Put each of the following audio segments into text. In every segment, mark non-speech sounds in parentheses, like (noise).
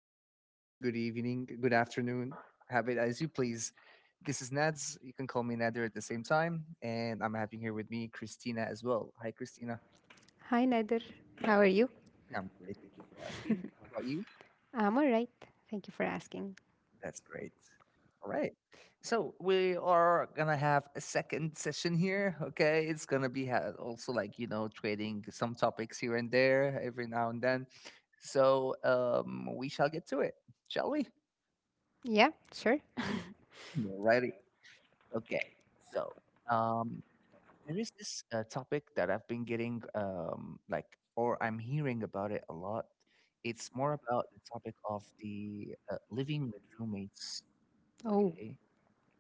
good morning, good evening, good afternoon. Have it as you please. This is Nads. You can call me Nader at the same time. And I'm having here with me Christina as well. Hi, Christina. Hi, Nader. How are you? I'm great. How about you? I'm all right. Thank you for asking. That's great. All right. So we are gonna have a second session here. Okay, it's gonna be also trading some topics here and there every now and then. So, we shall get to it, shall we? Yeah, sure. Alrighty. Okay, so um, there is this topic that I've been getting or I'm hearing about it a lot. It's more about the topic of the living with roommates. Oh, Okay,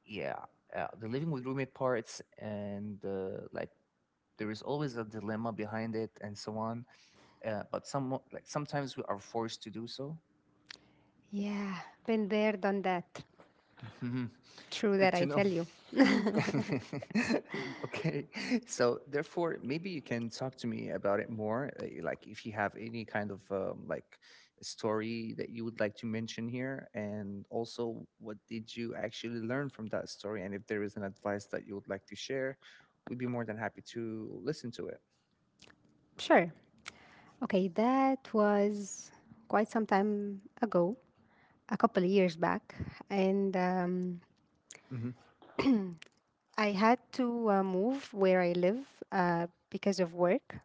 yeah, the living with roommate parts, and like there is always a dilemma behind it, and so on. But sometimes we are forced to do so. yeah. Been there, done that. True (laughs) Good that, I to know. tell you. (laughs) (laughs) Okay. So therefore, maybe you can talk to me about it more. Like if you have any kind of story that you would like to mention here, and also what did you actually learn from that story, and if there is an advice that you would like to share, we'd be more than happy to listen to it. Sure. Okay, that was quite some time ago, a couple of years back. And Hmm. I had to move where I live because of work.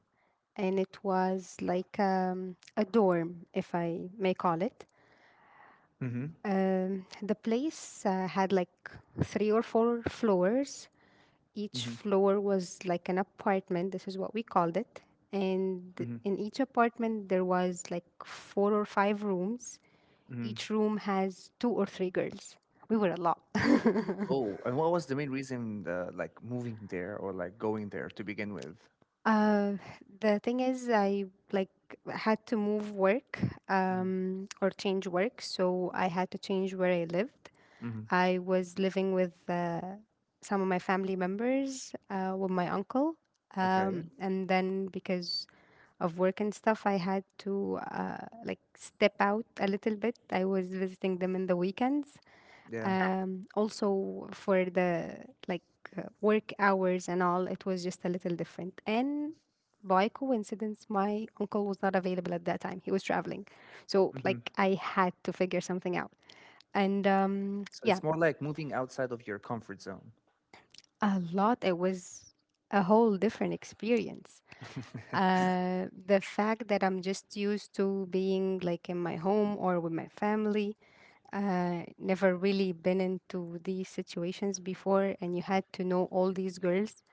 And it was like a dorm, if I may call it. The place had like three or four floors. Each floor was like an apartment. This is what we called it. And in each apartment, there was like four or five rooms. Each room has two or three girls. We were a lot. (laughs) Oh, and what was the main reason, like moving there or like going there to begin with? Uh, the thing is, I like had to move work, Hmm. Or change work, so I had to change where I lived. Hmm. I was living with some of my family members, with my uncle, Okay. and then because of work and stuff, I had to like step out a little bit. I was visiting them in the weekends, Yeah. Also for the like work hours, and all it was just a little different. And by coincidence, my uncle was not available at that time. He was traveling, so Hmm. like I had to figure something out. And So yeah, it's more like moving outside of your comfort zone. a lot. It was a whole different experience. (laughs) The fact that I'm just used to being like in my home or with my family, never really been into these situations before. And you had to know all these girls.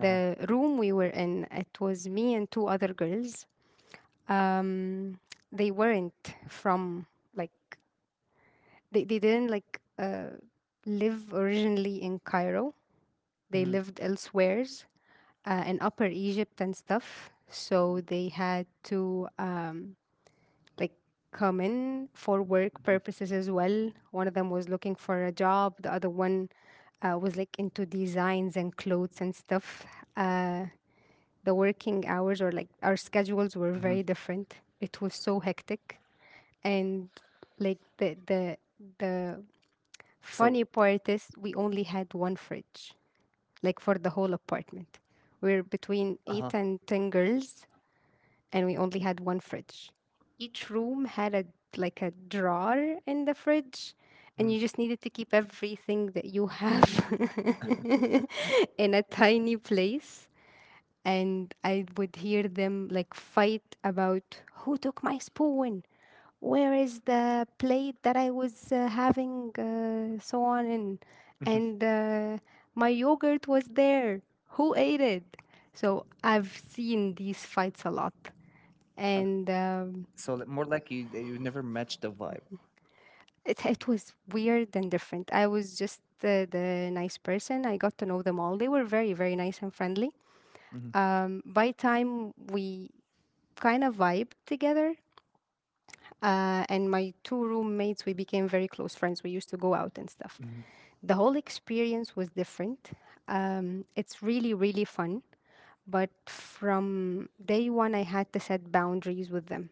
Uh-huh. room we were in, it was me and two other girls. um, they weren't from, like, they didn't like live originally in Cairo. They Mhm. lived elsewheres in Upper Egypt and stuff. So they had to like common for work purposes as well. One of them was looking for a job. The other one was like into designs and clothes and stuff. Uh, the working hours or like our schedules were very Mhm. different. It was so hectic, and like the So, funny part is we only had one fridge, like for the whole apartment. We're between uh-huh. eight and ten girls, and we only had one fridge. Each room had a drawer in the fridge, and Mhm. you just needed to keep everything that you have (laughs) in a tiny place. And I would hear them, like, fight about who took my spoon, where is the plate that I was having, so on, and Uh-huh. (laughs) and uh, my yogurt was there. Who ate it? So I've seen these fights a lot. And So more like you never match the vibe. it was weird and different. I was just the nice person. I got to know them all. They were very very nice and friendly. Hmm. By time we kind of vibed together, and my two roommates, we became very close friends. We used to go out and stuff. Hmm. The whole experience was different. It's really really fun. But from day one, I had to set boundaries with them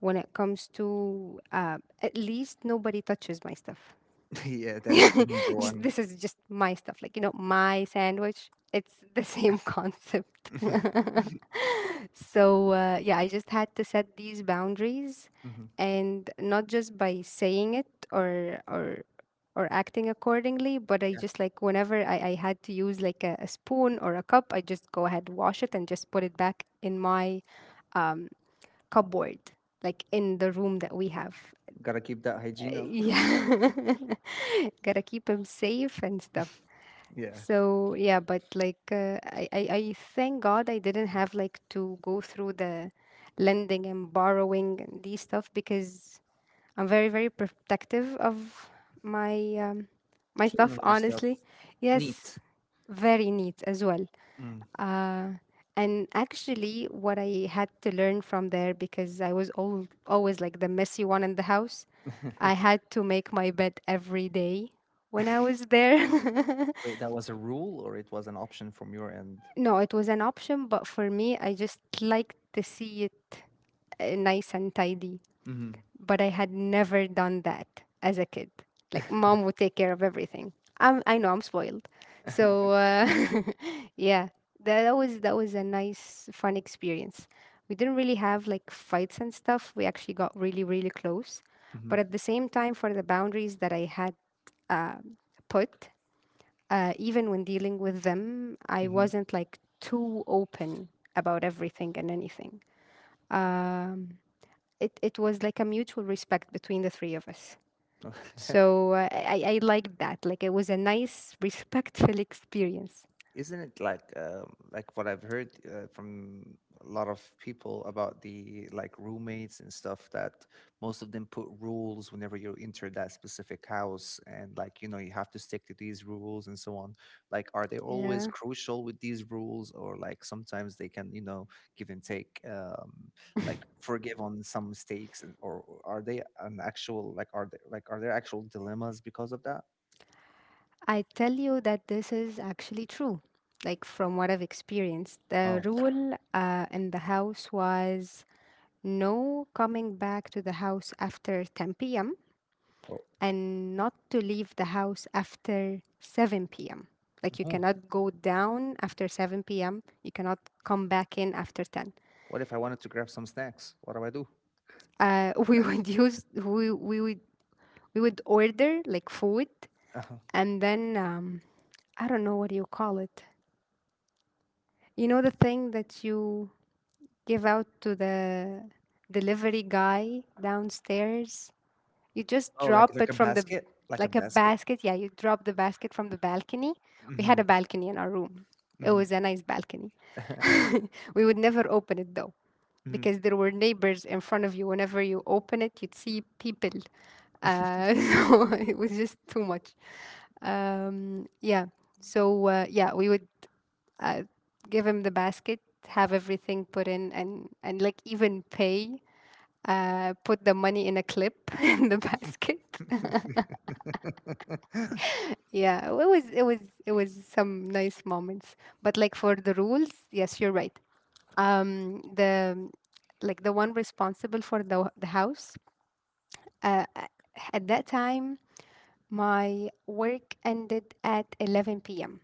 when it comes to at least nobody touches my stuff. (laughs) Yeah, that's rule number (laughs) Just, one. (laughs) this is just my stuff, like, you know, my sandwich, it's the same (laughs) concept. Mhm. (laughs) So yeah, I just had to set these boundaries, Mhm. and not just by saying it or acting accordingly. But I Yeah, just, like, whenever I had to use, like, a spoon or a cup, I just go ahead, wash it, and just put it back in my um, cupboard, like in the room that we have. gotta keep that hygiene up. (laughs) Yeah, (laughs) gotta keep him safe and stuff. Yeah, So yeah, but like I thank God I didn't have like to go through the lending and borrowing and these stuff because I'm very very protective of my um, my clean stuff, on your stuff, honestly. Yes, neat. very neat as well. Mm. Uh, and actually, what I had to learn from there, because I was always like the messy one in the house. I had (laughs) to make my bed every day when I was there. Wait, (laughs) that was a rule or it was an option from your end? No, it was an option, but for me, I just like to see it nice and tidy. Mm-hmm. But I had never done that as a kid. Like mom would take care of everything. I know I'm spoiled. So (laughs) (laughs) yeah, that was a nice, fun experience. We didn't really have like fights and stuff. We actually got really, really close, but at the same time, for the boundaries that I had uh, put, even when dealing with them, I Mm-hmm. wasn't like too open about everything and anything. Um, it was like a mutual respect between the three of us. So (laughs) I liked that. Like it was a nice, (laughs) respectful experience. Isn't it like what I've heard from a lot of people about the like roommates and stuff that most of them put rules whenever you enter that specific house and you have to stick to these rules and so on. Like, are they always Yeah. crucial with these rules or like sometimes they can give and take like forgive on some mistakes or are they an actual like are they like are there actual dilemmas because of that? I tell you that this is actually true. Like from what I've experienced, the Oh, rule in the house was no coming back to the house after 10 p.m and not to leave the house after 7 p.m. Like you oh. cannot go down after 7 p.m. You cannot come back in after 10. What if I wanted to grab some snacks? What do I do? (laughs) We would use we would order like food. Uh-huh. And then I don't know, what do you call it? You know, the thing that you give out to the delivery guy downstairs. You just Oh, like drop it from the, like a like a basket. basket. Yeah, you drop the basket from the balcony. Yeah. We Hmm. had a balcony in our room. It Hmm. was a nice balcony. (laughs) (laughs) We would never open it though, Hmm. because there were neighbors in front of you. Whenever you open it, you'd see people. (laughs) So it was just too much. Yeah. So yeah, we would uh, give him the basket, have everything put in, and like even pay. Put the money in a clip (laughs) in the basket. (laughs) Yeah, it was some nice moments. But like for the rules, yes, you're right. The Like the one responsible for the house. Uh, a- at that time, my work ended at 11 p.m.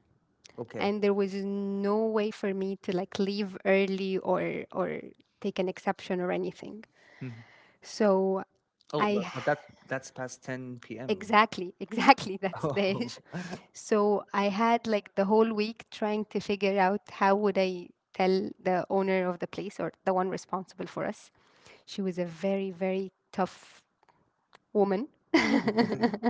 Okay. And there was no way for me to like leave early, or take an exception or anything. Mhm. So Oh, but, I— but that that's past 10 p.m. Exactly. Exactly, exactly. (laughs) That's the Oh. issue. So I had like the whole week trying to figure out how would I tell the owner of the place, or the one responsible for us. She was a very, very tough woman. (laughs)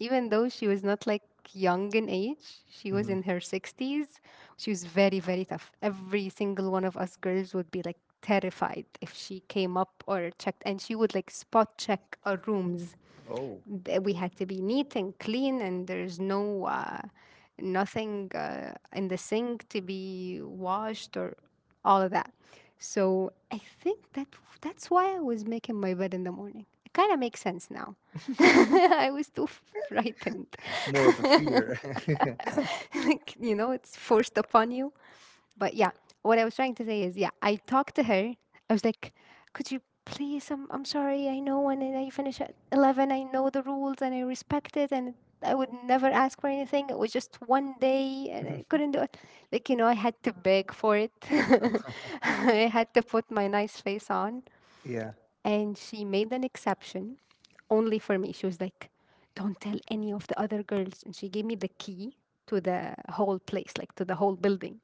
Even though she was not like young in age, she was Mhm. in her 60s. She was very, very tough. Every single one of us girls would be like terrified if she came up or checked, and she would like spot check our rooms. Oh. We had to be neat and clean, and there's no nothing in the sink to be washed, or all of that. So I think that that's why I was making my bed in the morning. It kind of makes sense now. (laughs) (laughs) I was too frightened. More of a fear. (laughs) Like, you know, it's forced upon you, but yeah, what I was trying to say is, yeah, I talked to her. I was like, could you please? I'm sorry. I know when I finish at 11, I know the rules and I respect it. And I would never ask for anything. It was just one day and I couldn't (laughs) do it. Like, you know, I had to beg for it. (laughs) I had to put my nice face on. Yeah. And she made an exception only for me. She was like, don't tell any of the other girls. And she gave me the key to the whole place, like to the whole building.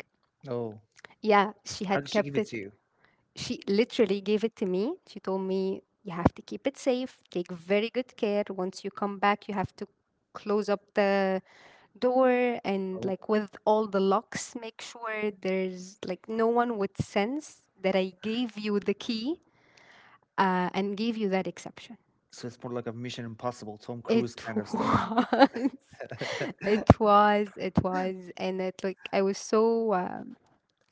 Oh. Yeah, she How did had she give kept it to it. you? She literally gave it to me. She told me, you have to keep it safe, take very good care. Once you come back, you have to close up the door and, Oh. like, with all the locks, make sure there's like no one would sense that I gave you the key and gave you that exception. So it's more like a Mission Impossible, Tom Cruise It kind (laughs) of stuff. was, (laughs) it was. And it, like, I was so.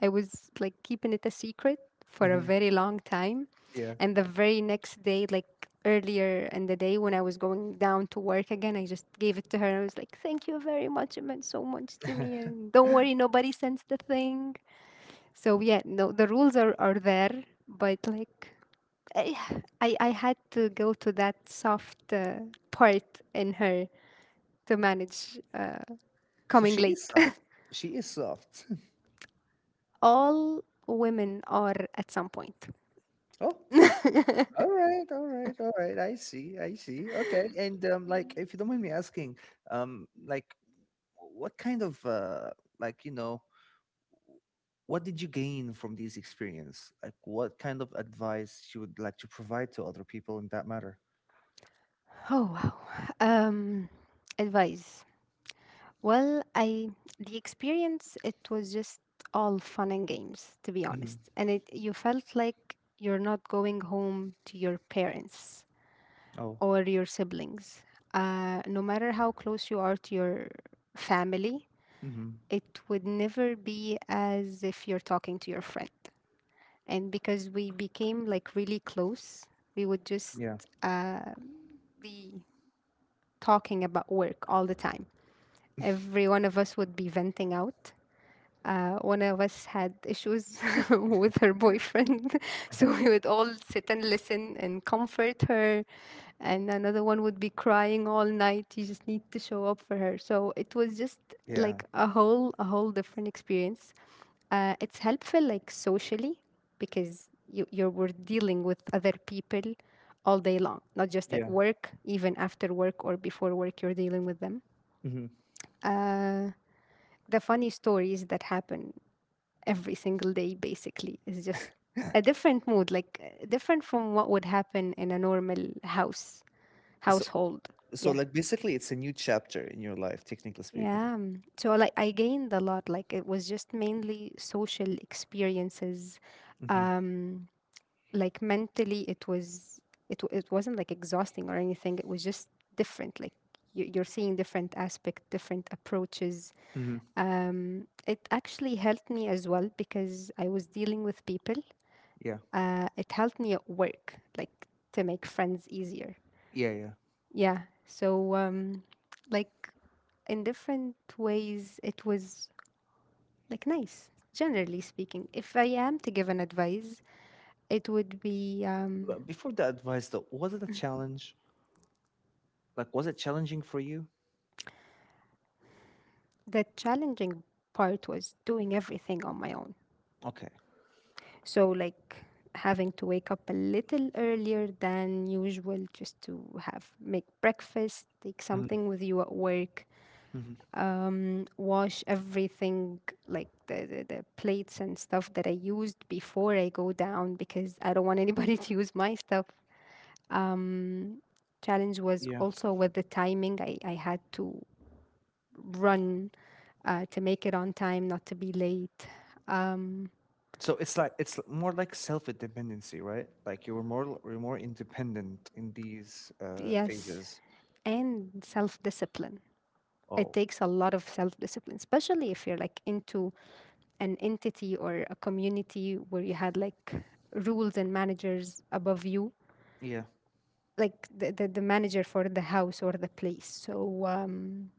I was like keeping it a secret for a Hmm. very long time. Yeah. And the very next day, like earlier in the day when I was going down to work again, I just gave it to her. I was like, thank you very much. It meant so much to me. (laughs) And don't worry, nobody sends the thing. So yeah, no, the rules are there, but like I, I had to go to that soft part in her to manage So coming she is (laughs) late. soft. (laughs) She is soft. (laughs) All women are at some point. Oh, all right, all right, all right. I see, I see. Okay, and like, if you don't mind me asking, um, like, what kind of like, you know, what did you gain from this experience? Like, what kind of advice you would like to provide to other people in that matter? Oh, wow. Um advice. Well, I the experience, it was just all fun and games, to be Hmm. honest. And it, you felt like you're not going home to your parents Oh, or your siblings. No matter how close you are to your family, hmm, it would never be as if you're talking to your friend. And because we became like really close, we would just yeah, uh, be talking about work all the time. Every one of us would be venting out. One of us had issues (laughs) with her boyfriend, (laughs) so (laughs) we would all sit and listen and comfort her. And another one would be crying all night. You just need to show up for her. So it was just yeah, like a whole different experience. It's helpful like socially because you you're we're dealing with other people all day long, not just at yeah. work, even after work or before work, you're dealing with them. Hmm. Uh, the funny stories that happen every single day basically is just a different mood like different from what would happen in a normal house So, household. So, Yeah. like, basically, it's a new chapter in your life, technically speaking. Yeah, so like I gained a lot, like it was just mainly social experiences. Mm-hmm. Um, like mentally it was it wasn't like exhausting or anything, it was just different, like you're seeing different aspect, different approaches. Mm-hmm. It actually helped me as well because I was dealing with people. Yeah. It helped me at work, like to make friends easier. Yeah. Yeah. Yeah. So, like in different ways, it was like nice, generally speaking. If I am to give an advice, it would be But before the advice, though, was it a challenge? Like, was it challenging for you? the challenging part was doing everything on my own. Okay. So, like having to wake up a little earlier than usual just to have make breakfast, take Mm-hmm. something with you at work, Hmm. Wash everything like the plates and stuff that I used before I go down because I don't want anybody (laughs) to use my stuff. Um, challenge was Yeah. also with the timing. I had to run to make it on time, not to be late. Um, So it's like it's more like self-dependency, right? Like you were you're more independent in these yes, phases. and self discipline. It Oh, takes a lot of self discipline, especially if you're like into an entity or a community where you had like rules and managers above you, yeah. like the manager for the house or the place. So,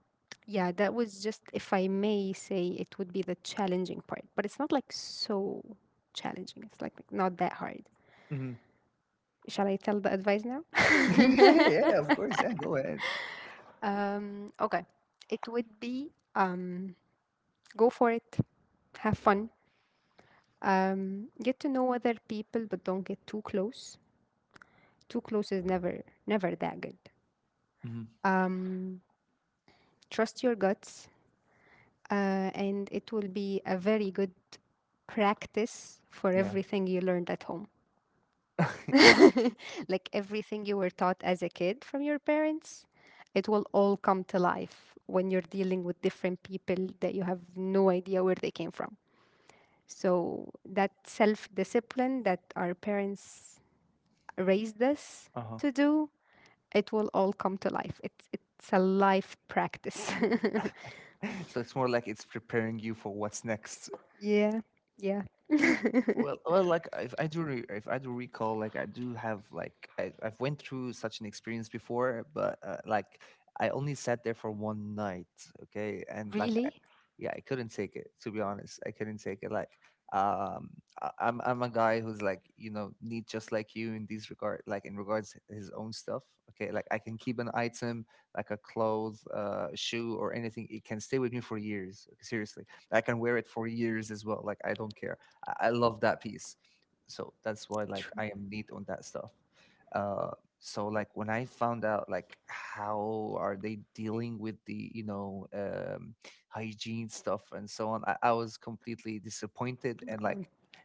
yeah, that was just, if I may say, it would be the challenging part, but it's not like so challenging. It's like not that hard. Mm-hmm. Shall I tell the advice now? (laughs) Yeah, yeah, yeah, of course. Yeah, go ahead. Okay. It would be go for it, have fun. Get to know other people, but don't get too close. Too close is never, never that good. Mm-hmm. Um, trust your guts, and it will be a very good practice for Yeah. everything you learned at home. (laughs) (laughs) Like everything you were taught as a kid from your parents, it will all come to life when you're dealing with different people that you have no idea where they came from. So, that self discipline that our parents raise this Uh huh. to do, it will all come to life. It's a life practice. (laughs) (laughs) So it's more like it's preparing you for what's next. Yeah, yeah. (laughs) Well, well, like if I if I do recall, like I do have, like I've went through such an experience before, but like I only sat there for one night, okay, and Really? yeah, I couldn't take it. To be honest, I couldn't take it. Like, um, I'm a guy who's like, you know, neat just like you in these regard, like in regards his own stuff. Okay, like I can keep an item, like a clothes, shoe, or anything. It can stay with me for years. Seriously, I can wear it for years as well. Like I don't care. I love that piece. So that's why like True. I am neat on that stuff. Uh, so like when I found out like how are they dealing with the hygiene stuff and so on, I was completely disappointed and like,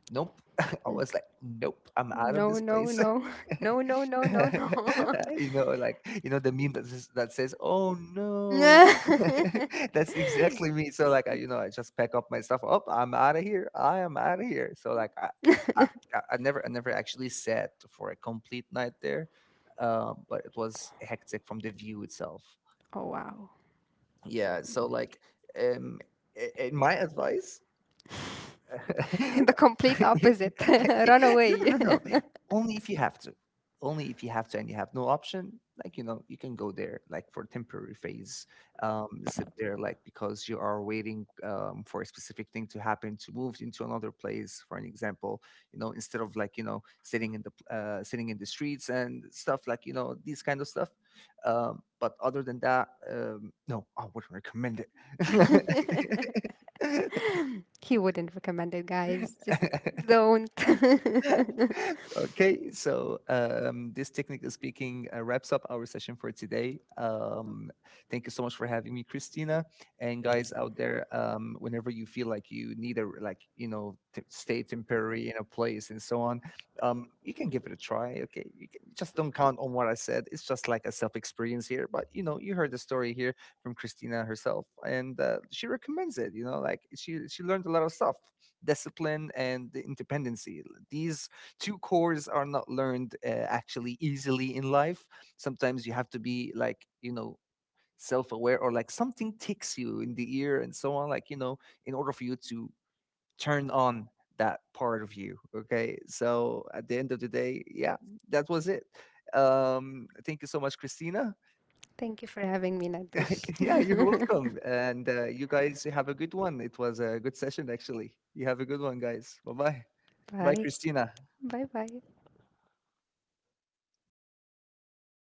nope. (laughs) I was like, nope, I'm Mm. out of No, this no, place. (laughs) (laughs) no, no, no, no, no, (laughs) (laughs) You know, like you know the meme that says, "Oh no." no. (laughs) That's exactly me. So like, I, you know, I just pack up my stuff. Oh, I'm out of here. I am out of here. So like, I, I never, I never actually sat for a complete night there, but it was hectic from the view itself. Oh wow. Yeah. So like, um, in my advice. (laughs) (laughs) The No, complete opposite. (laughs) Run no, away. no. Only if you have to. Only if you have to and you have no option, like you know, you can go there like for temporary phase. Sit there like because you are waiting for a specific thing to happen to move into another place. For an example, you know, instead of sitting in the sitting in the streets and stuff like you know these kind of stuff. But other than that, no, I wouldn't recommend (laughs) He wouldn't recommend it, guys. Just it. (laughs) (laughs) don't. (laughs) (laughs) Okay, so this technically speaking wraps up our session for today. Thank you so much for having me, Christina. And guys out there, whenever you feel like you need a to stay temporary in a place and so on, you can give it a try. Okay, you can, just don't count on what I said. It's just like a self experience here. But you know, you heard the story here from Christina herself, and she recommends it. You know, like she learned a lot of stuff, discipline and the independency. These two cores are not learned actually easily in life. Sometimes you have to be like, you know, self aware or like something ticks you in the ear and so on, like, you know, in order for you to turn on that part of you. Okay. So at the end of the day, yeah, that was it. Thank you so much, Christina. (laughs) Thank you for having me, Natush. Yeah, you're (laughs) welcome. And you guys have a good one. It was a good session, actually. You have a good one, guys. Bye bye. Bye, Bye. Christina. Bye bye.